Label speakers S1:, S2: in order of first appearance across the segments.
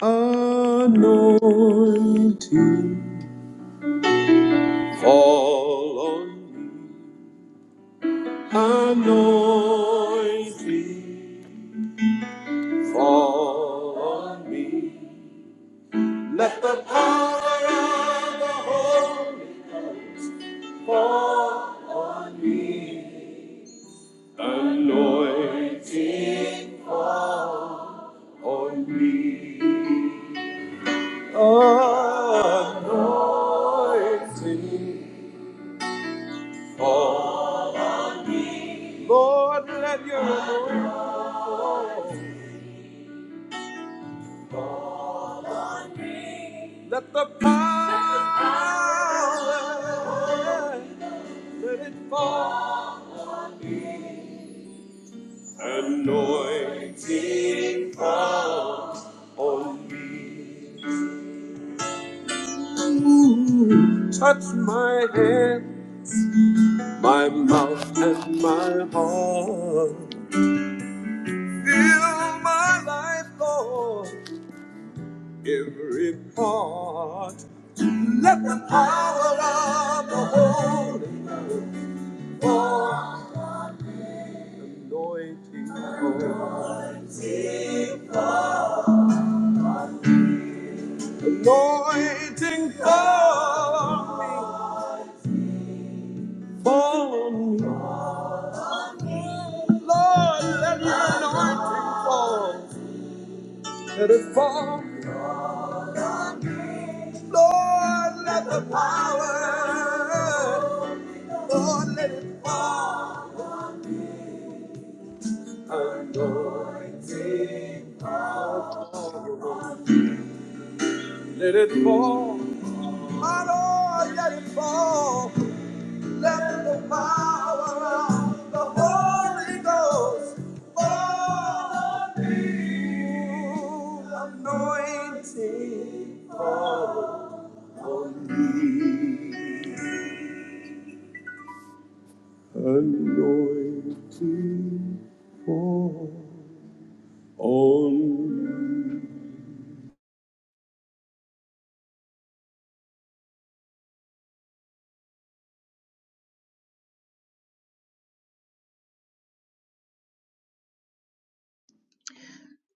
S1: Anointing fall on me. Anointing fall on me. Let the power of the Holy fall on me. Anointing fall on me. Anointing fall. Lord, let your glory, let the power, let it fall. Anointing fall on me. Ooh, Touch my hand, my mouth, and my heart. Fill my life, Lord, every part. Let the power of the Holy Ghost Anointing fall, anointing fall on me, fall on me. Lord, let your anointing fall. Let it fall. Lord, let the power. Lord, let it fall. Anointing fall. Let it fall. My Lord, let it fall. Let the power of the Holy Ghost fall on me. Anointing on me. Anointing fall on me.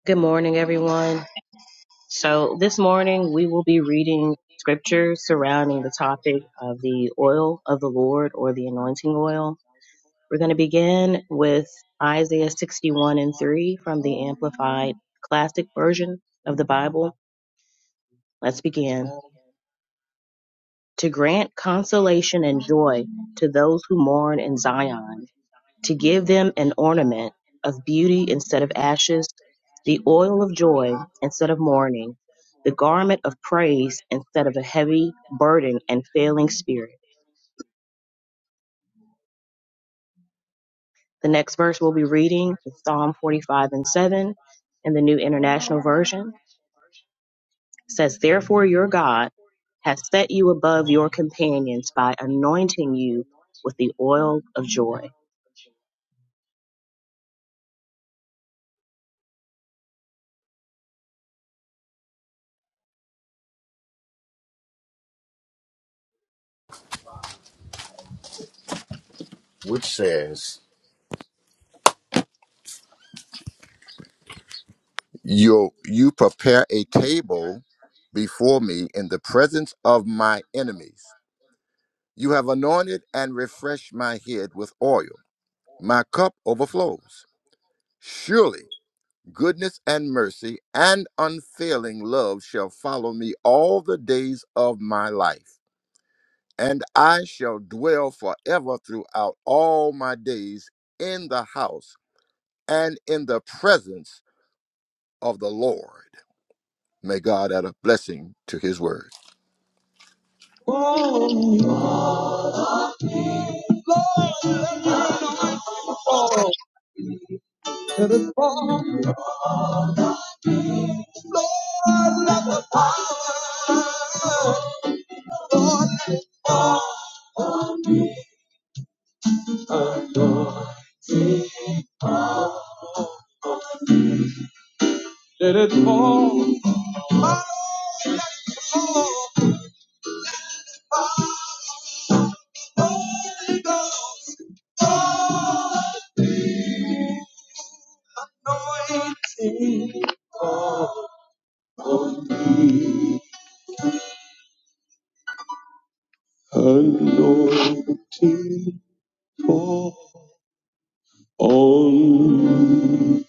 S2: Good morning,
S3: Good morning,
S2: everyone.
S3: everyone.
S2: So, this
S3: So
S2: morning
S3: this
S2: we will be
S3: morning we
S2: reading
S3: will be
S2: scripture
S3: reading
S2: surrounding the
S3: scriptures
S2: topic
S3: around the
S2: of the
S3: topic
S2: oil
S3: of
S2: of the
S3: the
S2: Lord
S3: will
S2: or
S3: of
S2: the
S3: the
S2: anointing
S3: Lord
S2: oil.
S3: or those who will.
S2: We're going to begin
S3: We're going to
S2: with
S3: begin with
S2: Isaiah 61 and
S3: Isaiah
S2: 3 from
S3: 61 and
S2: the
S3: 3 from
S2: Amplified
S3: the
S2: Classic
S3: Amplified.
S2: Version of the Bible. Let's
S3: Let's
S2: begin.
S3: begin. To
S2: To grant
S3: grant
S2: consolation and joy
S3: consolation and
S2: to
S3: joy
S2: those who
S3: to
S2: mourn in
S3: those who
S2: Zion
S3: mourn in Zion,
S2: to give them an
S3: Give
S2: ornament
S3: them an
S2: of
S3: ornament
S2: beauty
S3: of
S2: instead of
S3: beauty
S2: ashes,
S3: instead of
S2: the
S3: ashes,
S2: oil of
S3: the
S2: joy
S3: oil of
S2: instead of
S3: joy
S2: mourning,
S3: instead of
S2: the
S3: mourning,
S2: garment of
S3: the
S2: praise
S3: garment of
S2: instead of a
S3: praise
S2: heavy
S3: instead of a
S2: burden
S3: heavy
S2: and failing
S3: burden and
S2: spirit.
S3: failing spirit.
S2: The next verse we'll be
S3: The next
S2: reading
S3: verse
S2: is
S3: will be
S2: Psalm
S3: reading
S2: 45 and
S3: Psalm
S2: 7
S3: forty-five and
S2: in the
S3: seven
S2: New
S3: in
S2: International
S3: the New
S2: Version.
S3: International Version.
S2: It says, Therefore your
S3: That
S2: God
S3: therefore your
S2: has
S3: God
S2: set you
S3: hath
S2: above your
S3: led you above
S2: companions
S3: your
S2: by
S3: companions by
S2: anointing you with
S3: anointing
S2: the
S3: you
S2: oil of
S3: a
S2: joy.
S3: oil of joy.
S1: You, you prepare a
S3: Yeah,
S1: table before me in the
S3: it's only
S1: presence
S3: the
S1: of my
S3: burden of
S1: enemies.
S3: my
S1: You have anointed
S3: You
S1: and
S3: have a large
S1: refreshed my
S3: library
S1: head
S3: fresh
S1: with
S3: by
S1: oil.
S3: oil.
S1: My cup
S3: Now,
S1: overflows. Surely goodness and mercy and unfailing love shall follow me all the days of my life, and I shall dwell forever throughout all my days in the house and in the presence of the Lord. May God add a blessing to his word.
S2: Oh, Lord, let me know fall to the fall. Lord, let the power, let it fall on me. Anointing, let it fall. My Lord, let it fall. Holy Ghost, holy anointing, fall on me. Anointing, fall on me.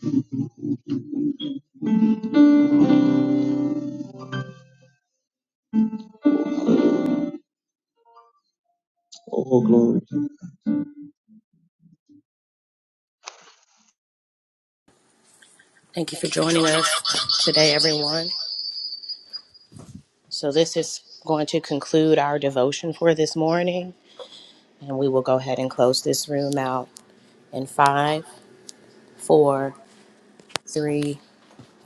S2: Oh, glory.
S1: Thank you for joining us today, everyone. So, this is going to conclude our devotion for this morning, and we will go ahead and close this room out in five, four, three.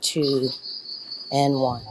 S1: two, and one.